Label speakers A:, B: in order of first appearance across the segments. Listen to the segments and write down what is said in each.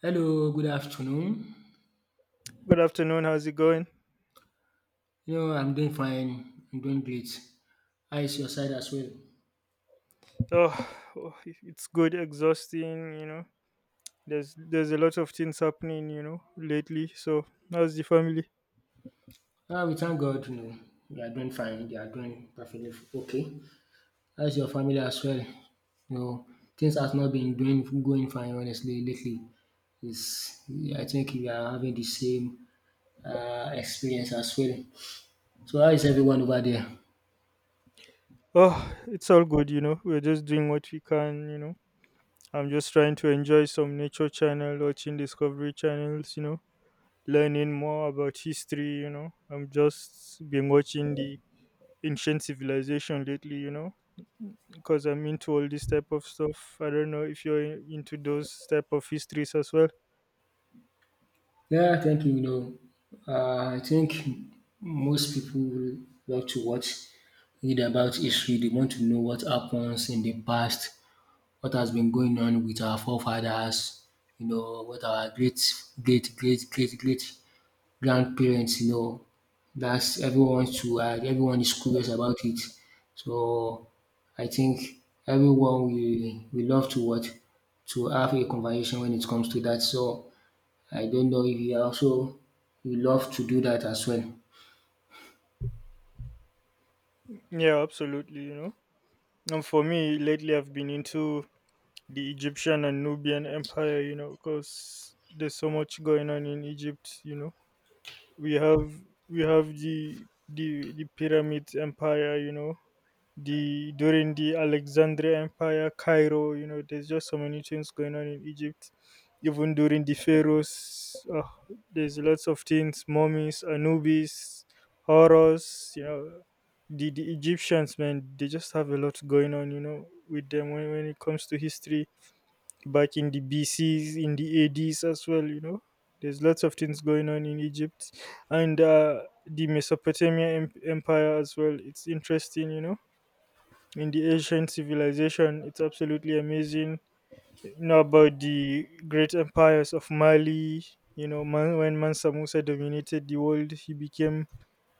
A: Hello, good afternoon.
B: Good afternoon. How's it going?
A: I'm doing fine. I'm doing great. How is your side as well?
B: Oh, it's good, exhausting. You know, there's a lot of things happening, you know, lately. So how's the family?
A: We thank God. You are doing fine. You are doing perfectly okay. How's your family as well? You know, things has not been doing going fine honestly lately. It's, I think we are having the same experience as well. So how is everyone over there?
B: Oh, it's all good. You know, we're just doing what we can. You know, I'm just trying to enjoy some nature channel, watching Discovery channels. You know, learning more about history. You know, I'm just been watching the ancient civilization lately. You know, because I'm into all this type of stuff. I don't know if into those type of histories as well.
A: Yeah, thank you. I think most people love to watch, read about history. They want to know what happens in the past, what has been going on with our forefathers, what our great, great, great, great, great grandparents. That's everyone to everyone is curious about it. So I think everyone we love to watch to have a conversation when it comes to that. So I don't know if you love to do that as well.
B: Yeah, absolutely. You know, and for me lately, I've been into the Egyptian and Nubian Empire. You know, because there's so much going on in Egypt. You know, we have we have the pyramid empire. You know, the during the Alexandria Empire, Cairo. You know, there's just so many things going on in Egypt. Even during the pharaohs, there's lots of things: mummies, Anubis, Horus. You know, the Egyptians, man, they just have a lot going on. You know, with them when it comes to history, back in the BCs, in the ADs as well. You know, there's lots of things going on in Egypt, and the Empire as well. It's interesting, you know, in the ancient civilization. It's absolutely amazing. You know about the great empires of Mali. You know, man, when Mansa Musa dominated the world, he became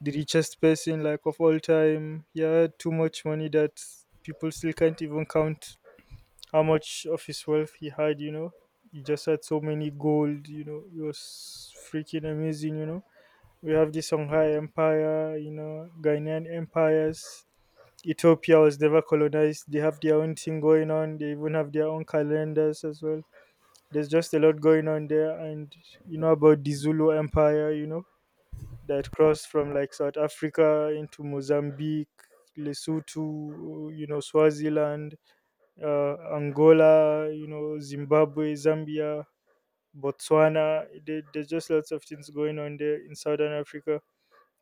B: the richest person like of all time. He had too much money that people still can't even count how much of his wealth he had. You know, he just had so many gold. You know, it was freaking amazing. You know, we have the Songhai Empire. You know, Ghanaian empires. Ethiopia was never colonized. They have their own thing going on. They even have their own calendars as well. There's just a lot going on there. And you know about the Zulu Empire, you know, that crossed from like South Africa into Mozambique, Lesotho, you know, Swaziland, Angola, you know, Zimbabwe, Zambia, Botswana. There's just lots of things going on there in Southern Africa,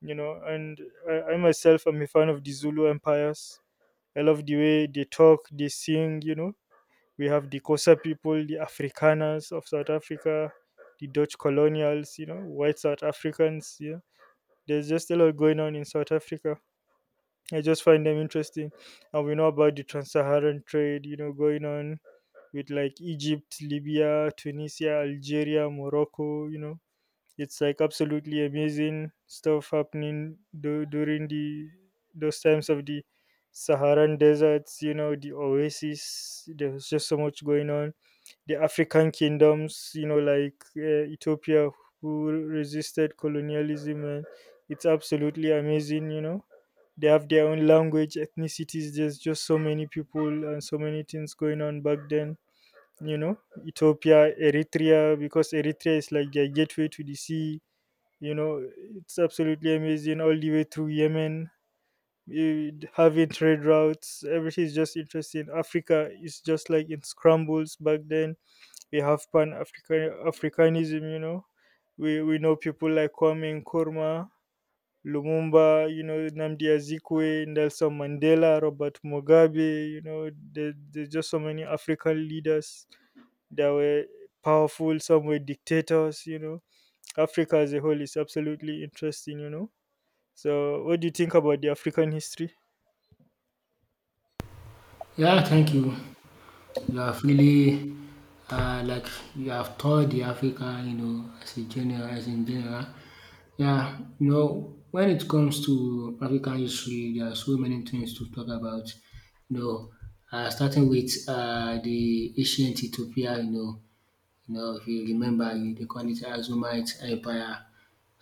B: you know. And I myself am a fan of the Zulu empires. I love the way they talk, they sing, you know. We have the Kosa people, the Afrikaners of South Africa, the Dutch colonials, you know, white South Africans. Yeah, there's just a lot going on in South Africa. I just find them interesting. And we know about the trans Saharan trade, you know, going on with like Egypt, Libya, Tunisia, Algeria, Morocco. You know, it's like absolutely amazing stuff happening during the those times of the Saharan deserts, you know, the oasis. There's just so much going on. The African kingdoms, you know, like Ethiopia, who resisted colonialism, and it's absolutely amazing. You know, they have their own language, ethnicities. There's just so many people and so many things going on back then. You know, Ethiopia, Eritrea, because Eritrea is like their gateway to the sea. You know, it's absolutely amazing all the way through Yemen, having trade routes. Everything is just interesting. Africa is just like in scrambles back then. We have pan african africanism. You know, we know people like Kwame Nkrumah, Lumumba, you know, Namdi Azikwe, Nelson Mandela, Robert Mugabe. You know, there's just so many african leaders that were powerful, some were dictators. You know, Africa as a whole is absolutely interesting. You know, so, what do you think about the African history?
A: Yeah, thank you. You have really like you have toured the Africa, as in general. Yeah, when it comes to African history, there are so many things to talk about. You know, starting with the ancient Ethiopia, if you remember, they call it Azumite Empire.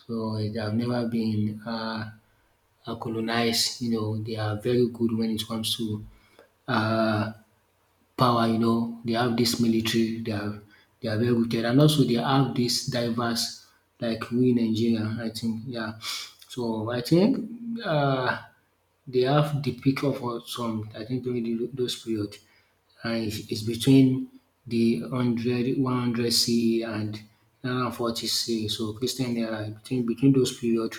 A: So they have never been colonized. You know, they are very good when it comes to uh, power. You know they have this military. They are well rooted, and also they have this diverse, like we in Nigeria. I think yeah. So I think uh they have the pick of some, I think during those period, and it's between the one hundred one hundred CE and 940 CE, so Christian era, between those period.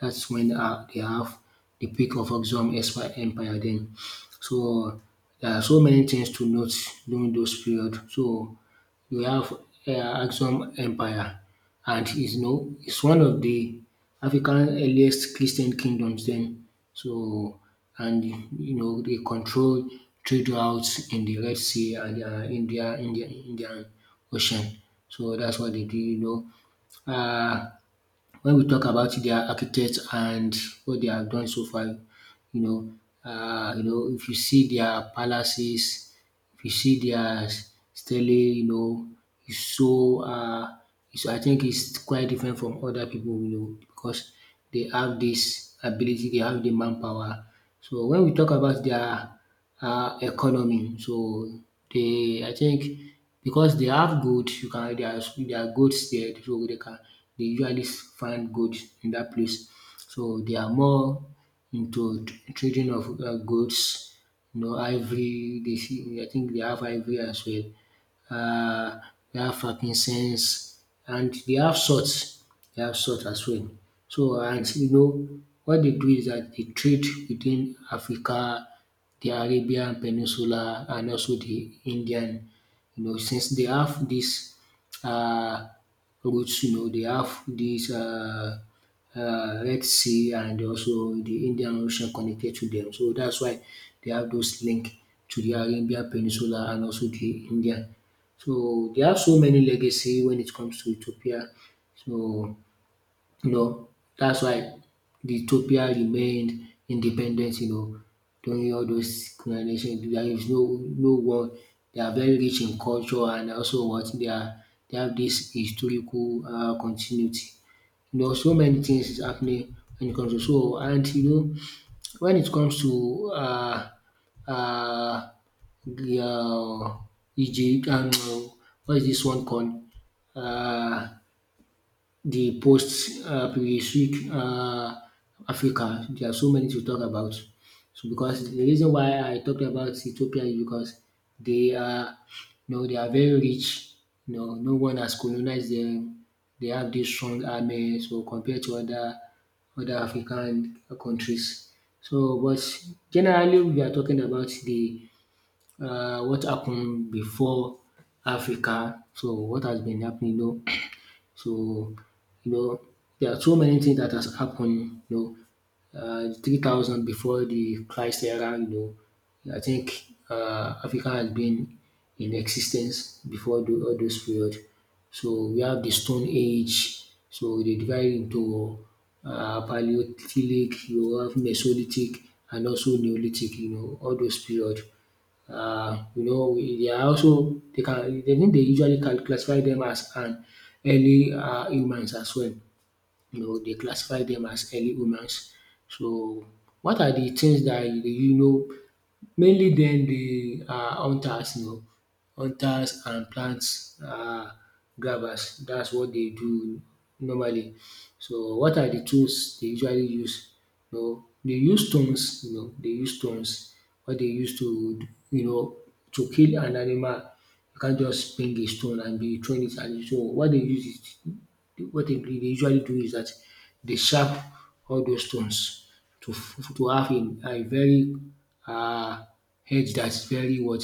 A: That's when, they have the peak of Axum expi empire then. So there are so many things to note during those period. So you have, uh, Axum empire, and is you know is one of the African earliest Christian kingdoms then. So, and they control trade routes in the Red Sea and Indian Ocean. So that's what they did. Uh when we talk about their architects and what they have done so far, you know, if you see their palaces, if you see their sterling, is so, um I think it's quite different from other people, because they have this ability, they have the manpower. So when we talk about their economy, so they I think because they have goods, you can, they are goods there, so they usually find goods in that place. So they are more into trading of goods, ivory. They see, I think they have ivory as well. uh, they have frankincense, and they have salt. They have salt as well. So, and what they do is that they trade within Africa, the Arabian Peninsula, and also the Indian. You know, since they have this uh, routes, they have this Red Sea and also the Indian Ocean connected to them. So that's why they have those link to the Arabian Peninsula and also the Indian. So there are so many legacy when it comes to Ethiopia. So you know that's why the Ethiopia remained independent. You know during all those colonization, there is no war. They are very rich in culture, and also what they are they have this historical continuity. So many things is happening when it comes to. So, and when it comes to uh the, E J, what is this one called, uh the post, pre-Swig, Africa. There are so many to talk about. So, because the reason why I talked about Ethiopia is because they are they are very rich. You know, no one has colonized them. They have this strong army, so compared to other African countries. So but generally we are talking about the, what happened before Africa. So what has been happening. So you know, there are so many things that has happened, 3,000 before the Christ era, I think Africa has been in existence before all those period. So we have the Stone Age, so they divide into Paleolithic, you have Mesolithic, and also Neolithic, all those period. They are also, they think they usually can classify them as an early, humans as well. They classify them as early humans. So, what are the things dat you you know Mainly dem be, hunters, hunters and plant, um grabbers, dats what dey do normally. So what are de tools dey usually use? You know dey use stones, dey use stones wey dey use to, you know to kill an animal. You can't just bring a stone and be throwing it, and so what dey use is, what dey usually do is dat dey sharp all those stones to to have a very, uh, edge that's very what,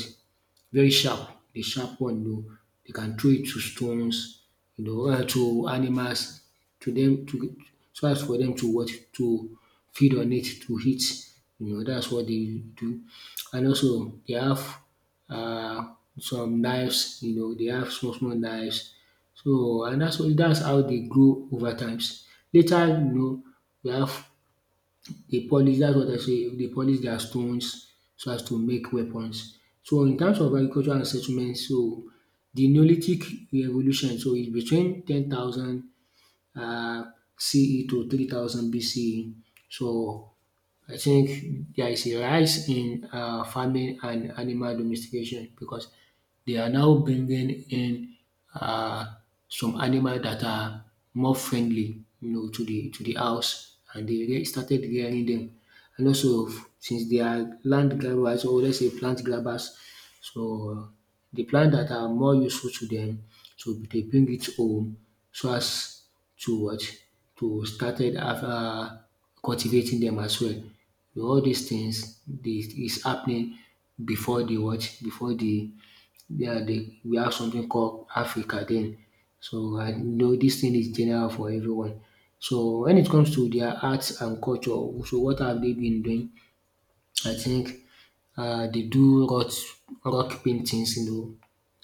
A: very sharp, the sharp one, you know. They can throw it to stones, to animals, to them to, so as for them to what to feed on it, to eat. You know, that's what they do. And also they have, uh, some knives, you know, they have small small knives. So, and that's what, that's how they grow over times. Later, we have, they polish, that's what I say, they polish their stones so as to make weapons. So in terms of agriculture and settlement, so the Neolithic revolution, so it's between 10,000 um CE to 3,000 BCE. So I think there is a rise in farming and animal domestication, because they are now bringing in, uh, some animal that are more friendly, you know, to the house, and they started rearing them. And also, since they are land grabbers, or let's say plant grabbers, so the plant that are more useful to them, so they bring it home so as to what, to started after cultivating them as well. All these things this is happening before the what, before the, yeah, the, we have something called Africa then. So I know this thing is general for everyone. So when it comes to their arts and culture, so what have they been doing? I think, they do rock paintings, you know.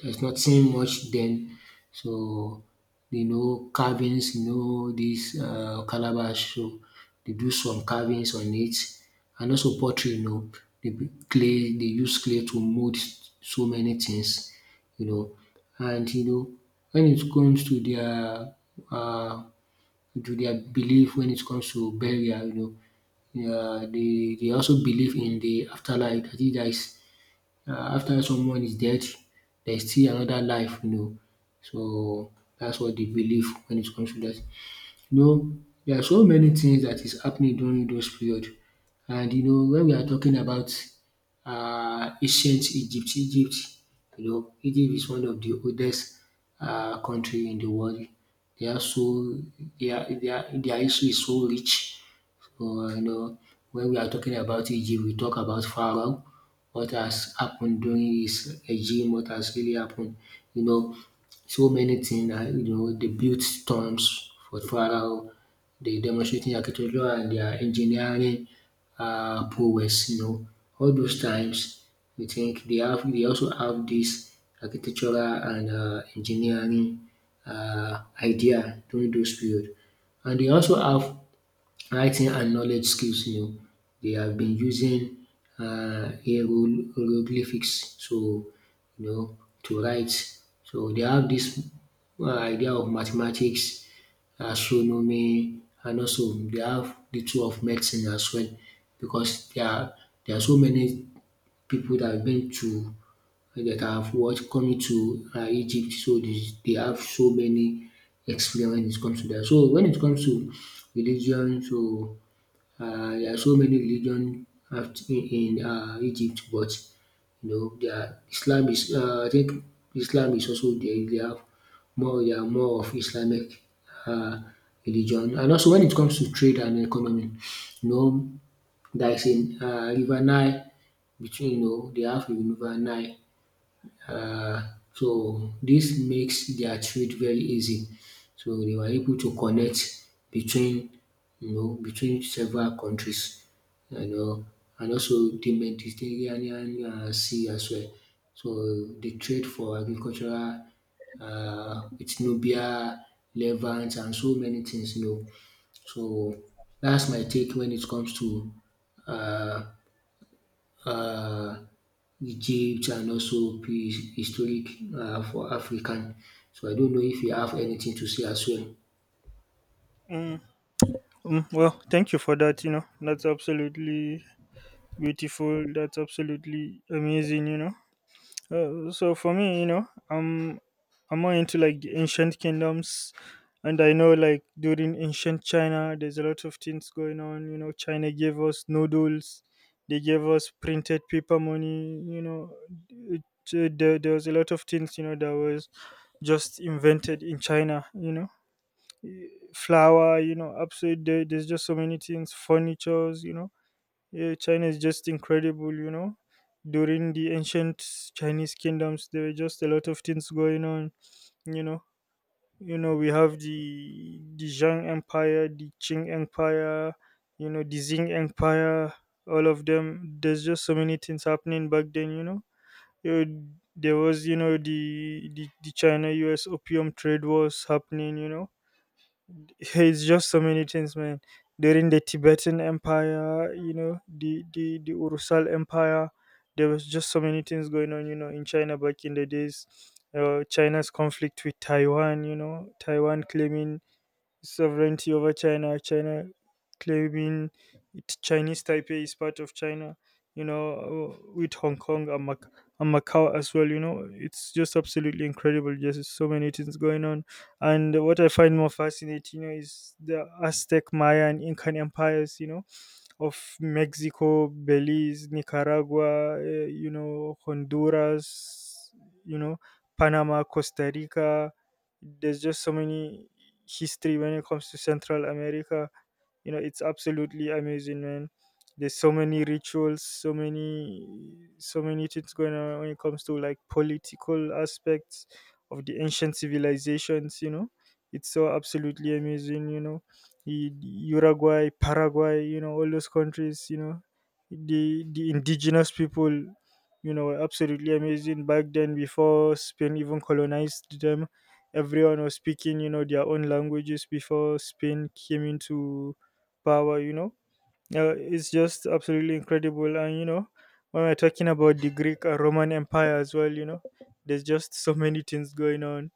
A: There's nothing much then. So you know carvings, you know, this, calabash. So they do some carvings on it, and also pottery. You know, clay. They use clay to mold so many things. You know, and you know when it comes to their, uh, to their belief when it comes to burial, you know. Yeah, they also believe in the afterlife. I think there is, after someone is dead, there is still another life, you know. So that's what they believe when it comes to that. You know, there are so many things that is happening during those period. And you know, when we are talking about Egypt, you know, Egypt is one of the oldest, country in the world. They are so, their history is so rich. So, you know, when we are talking about Egypt, we talk about Pharaoh, what has happened during his regime, what has really happened. You know, so many things, you know, they built tombs for Pharaoh, they demonstrating architecture and their engineering, prowess, you know. All those times, we think they have, they also have this architectural and, engineering, idea during those period. And they also have writing and knowledge skills, you know, they have been using, hieroglyphics. So you know, to write. So they have this, idea of mathematics, astronomy, and also they have the tool of medicine as well, because there are so many people that have been to, that have watched coming to, Egypt. So they have so many experience when it comes to that. So when it comes to religion, so, there are so many religion in, Egypt, but you know their Islam is, I think Islam is also there. They have more, they are more of Islamic, um religion. And also when it comes to trade and economy, you know, there is a, river Nile between, you know, they have a river Nile, uh, so this makes their trade very easy. So they were able to connect between, you know, between several countries, you know, and also the Mediterranean, sea as well. So the trade for agricultural, with Nubia, Levant, and so many things you know. So that's my take when it comes to, um um Egypt and also historic, for African. So I don't know if you have anything to say as well.
B: Mm, well, thank you for that. You know, that's absolutely beautiful. That's absolutely amazing. You know, so for me, you know, I'm more into like the ancient kingdoms, and I know like during ancient China, there's a lot of things going on. You know, China gave us noodles. They gave us printed paper money. You know, it, there was a lot of things. You know, that was just invented in China. You know, flour, you know, upside there. There's just so many things, furnitures, you know. Yeah, China is just incredible, you know. During the ancient Chinese kingdoms, there were just a lot of things going on, you know. You know, we have the Zhang Empire, the Qing Empire, you know, the Qing Empire, all of them. There's just so many things happening back then, you know. You- There was, you know, the China US opium trade wars happening. You know, it's just so many things, man. During the Tibetan Empire, you know, the Urusal Empire, there was just so many things going on, you know, in China back in the days. China's conflict with Taiwan, you know, Taiwan claiming sovereignty over China, China claiming it, Chinese Taipei is part of China, you know, with Hong Kong and, and Macau as well. You know, it's just absolutely incredible. Just so many things going on. And what I find more fascinating, you know, is the Aztec, Maya, and Incan empires. You know, of Mexico, Belize, Nicaragua, you know, Honduras, you know, Panama, Costa Rica. There's just so many history when it comes to Central America. You know, it's absolutely amazing, man. There's so many rituals, so many, so many things going on when it comes to like political aspects of the ancient civilizations. You know, it's so absolutely amazing. You know, U- Uruguay, Paraguay, you know, all those countries, you know, the indigenous people, you know, were absolutely amazing back then before Spain even colonized them. Everyone was speaking, you know, their own languages before Spain came into power, you know. It's just absolutely incredible. And, you know, when we're talking about the Greek and Roman Empire as well, you know, there's just so many things going on.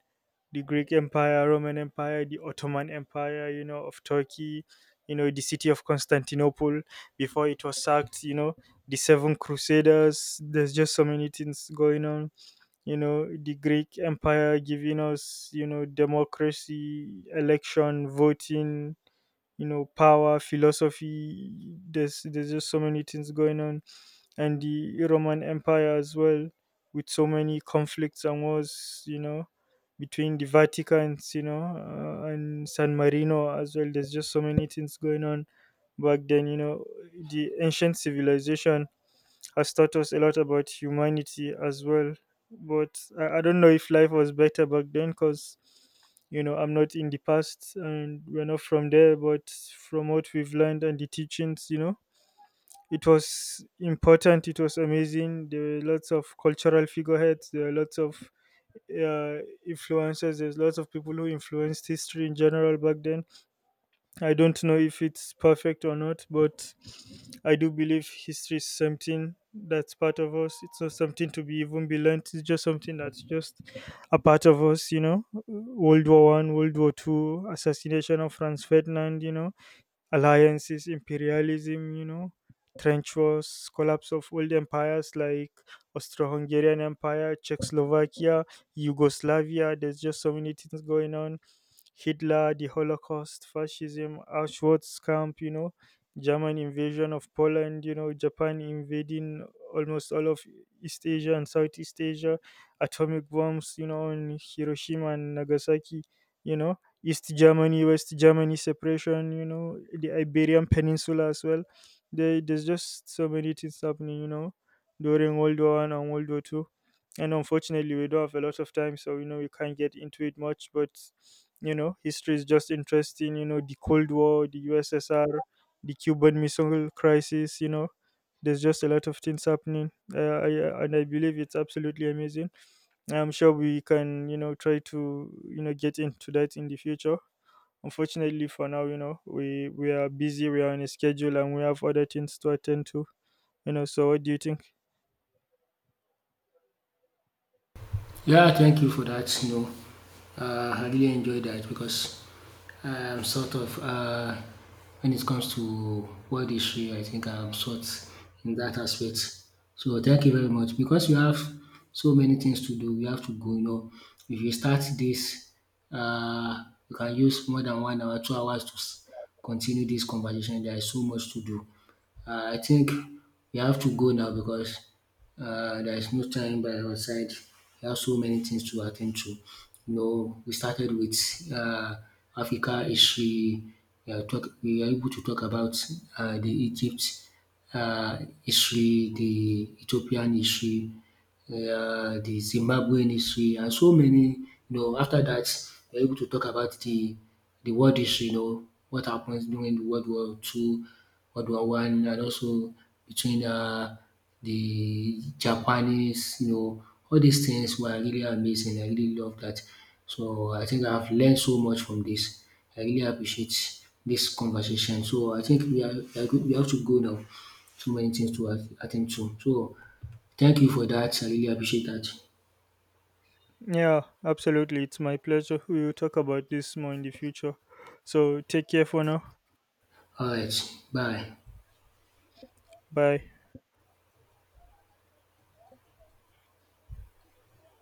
B: The Greek Empire, Roman Empire, the Ottoman Empire, you know, of Turkey, you know, the city of Constantinople before it was sacked, you know, the Seven Crusaders. There's just so many things going on, you know, the Greek Empire giving us, you know, democracy, election, voting, you know, power, philosophy. There's just so many things going on, and the Roman Empire as well, with so many conflicts and wars, you know, between the Vaticans, you know, and San Marino as well. There's just so many things going on back then, you know. The ancient civilization has taught us a lot about humanity as well. But I don't know if life was better back then because, you know, I'm not in the past and we're not from there, but from what we've learned and the teachings, you know, it was important, it was amazing. There were lots of cultural figureheads, there were lots of uh, influencers, there's lots of people who influenced history in general back then. I don't know if it's perfect or not, but I do believe history is something that's part of us, it's not something to be even be learnt, it's just something that's just a part of us. You know, World War One, World War Two, assassination of Franz Ferdinand, you know, alliances, imperialism, you know, trench wars, collapse of old empires like Austro Hungarian Empire, Czechoslovakia, Yugoslavia. There's just so many things going on. Hitler, the Holocaust, fascism, Auschwitz camp, you know, German invasion of Poland, you know, Japan invading almost all of East Asia and Southeast Asia, atomic bombs, you know, in Hiroshima and Nagasaki, you know, East Germany, West Germany separation, you know, the Iberian Peninsula as well. There's just so many things happening, you know, during World War One and World War Two. And unfortunately, we don't have a lot of time, so you know we can't get into it much. But you know history is just interesting. You know, the Cold War, the USSR, the Cuban missile crisis. You know, there's just a lot of things happening, and I believe it's absolutely amazing. I'm sure we can, you know, try to, you know, get into that in the future. Unfortunately for now, you know, we are busy, we are on a schedule and we have other things to attend to, you know. So what do you think?
A: Yeah, thank you for that. You know, I really enjoy that because I'm sort of, when it comes to world history, I think I'm sort in that aspect. So thank you very much because you have so many things to do. We have to go. You know, if you start this, uh, you can use more than 1 hour, 2 hours to continue this conversation. There is so much to do. I think we have to go now because, there is no time by our side. We have so many things to attend to. You know, we started with, uh, Africa history. We are, talk, we are able to talk about, the Egypt, history, the Ethiopian history, the Zimbabwean history, and so many. You know, after that, we are able to talk about the world history. You know, what happens during World War II, World War I, and also between, the Japanese, you know, all these things were really amazing. I really love that. So I think I've learned so much from this. I really appreciate this conversation. So I think we are we have to go now. So many things to attend to. So thank you for that. I really appreciate that.
B: Yeah, absolutely. It's my pleasure. We will talk about this more in the future. So take care for now.
A: All right. Bye.
B: Bye.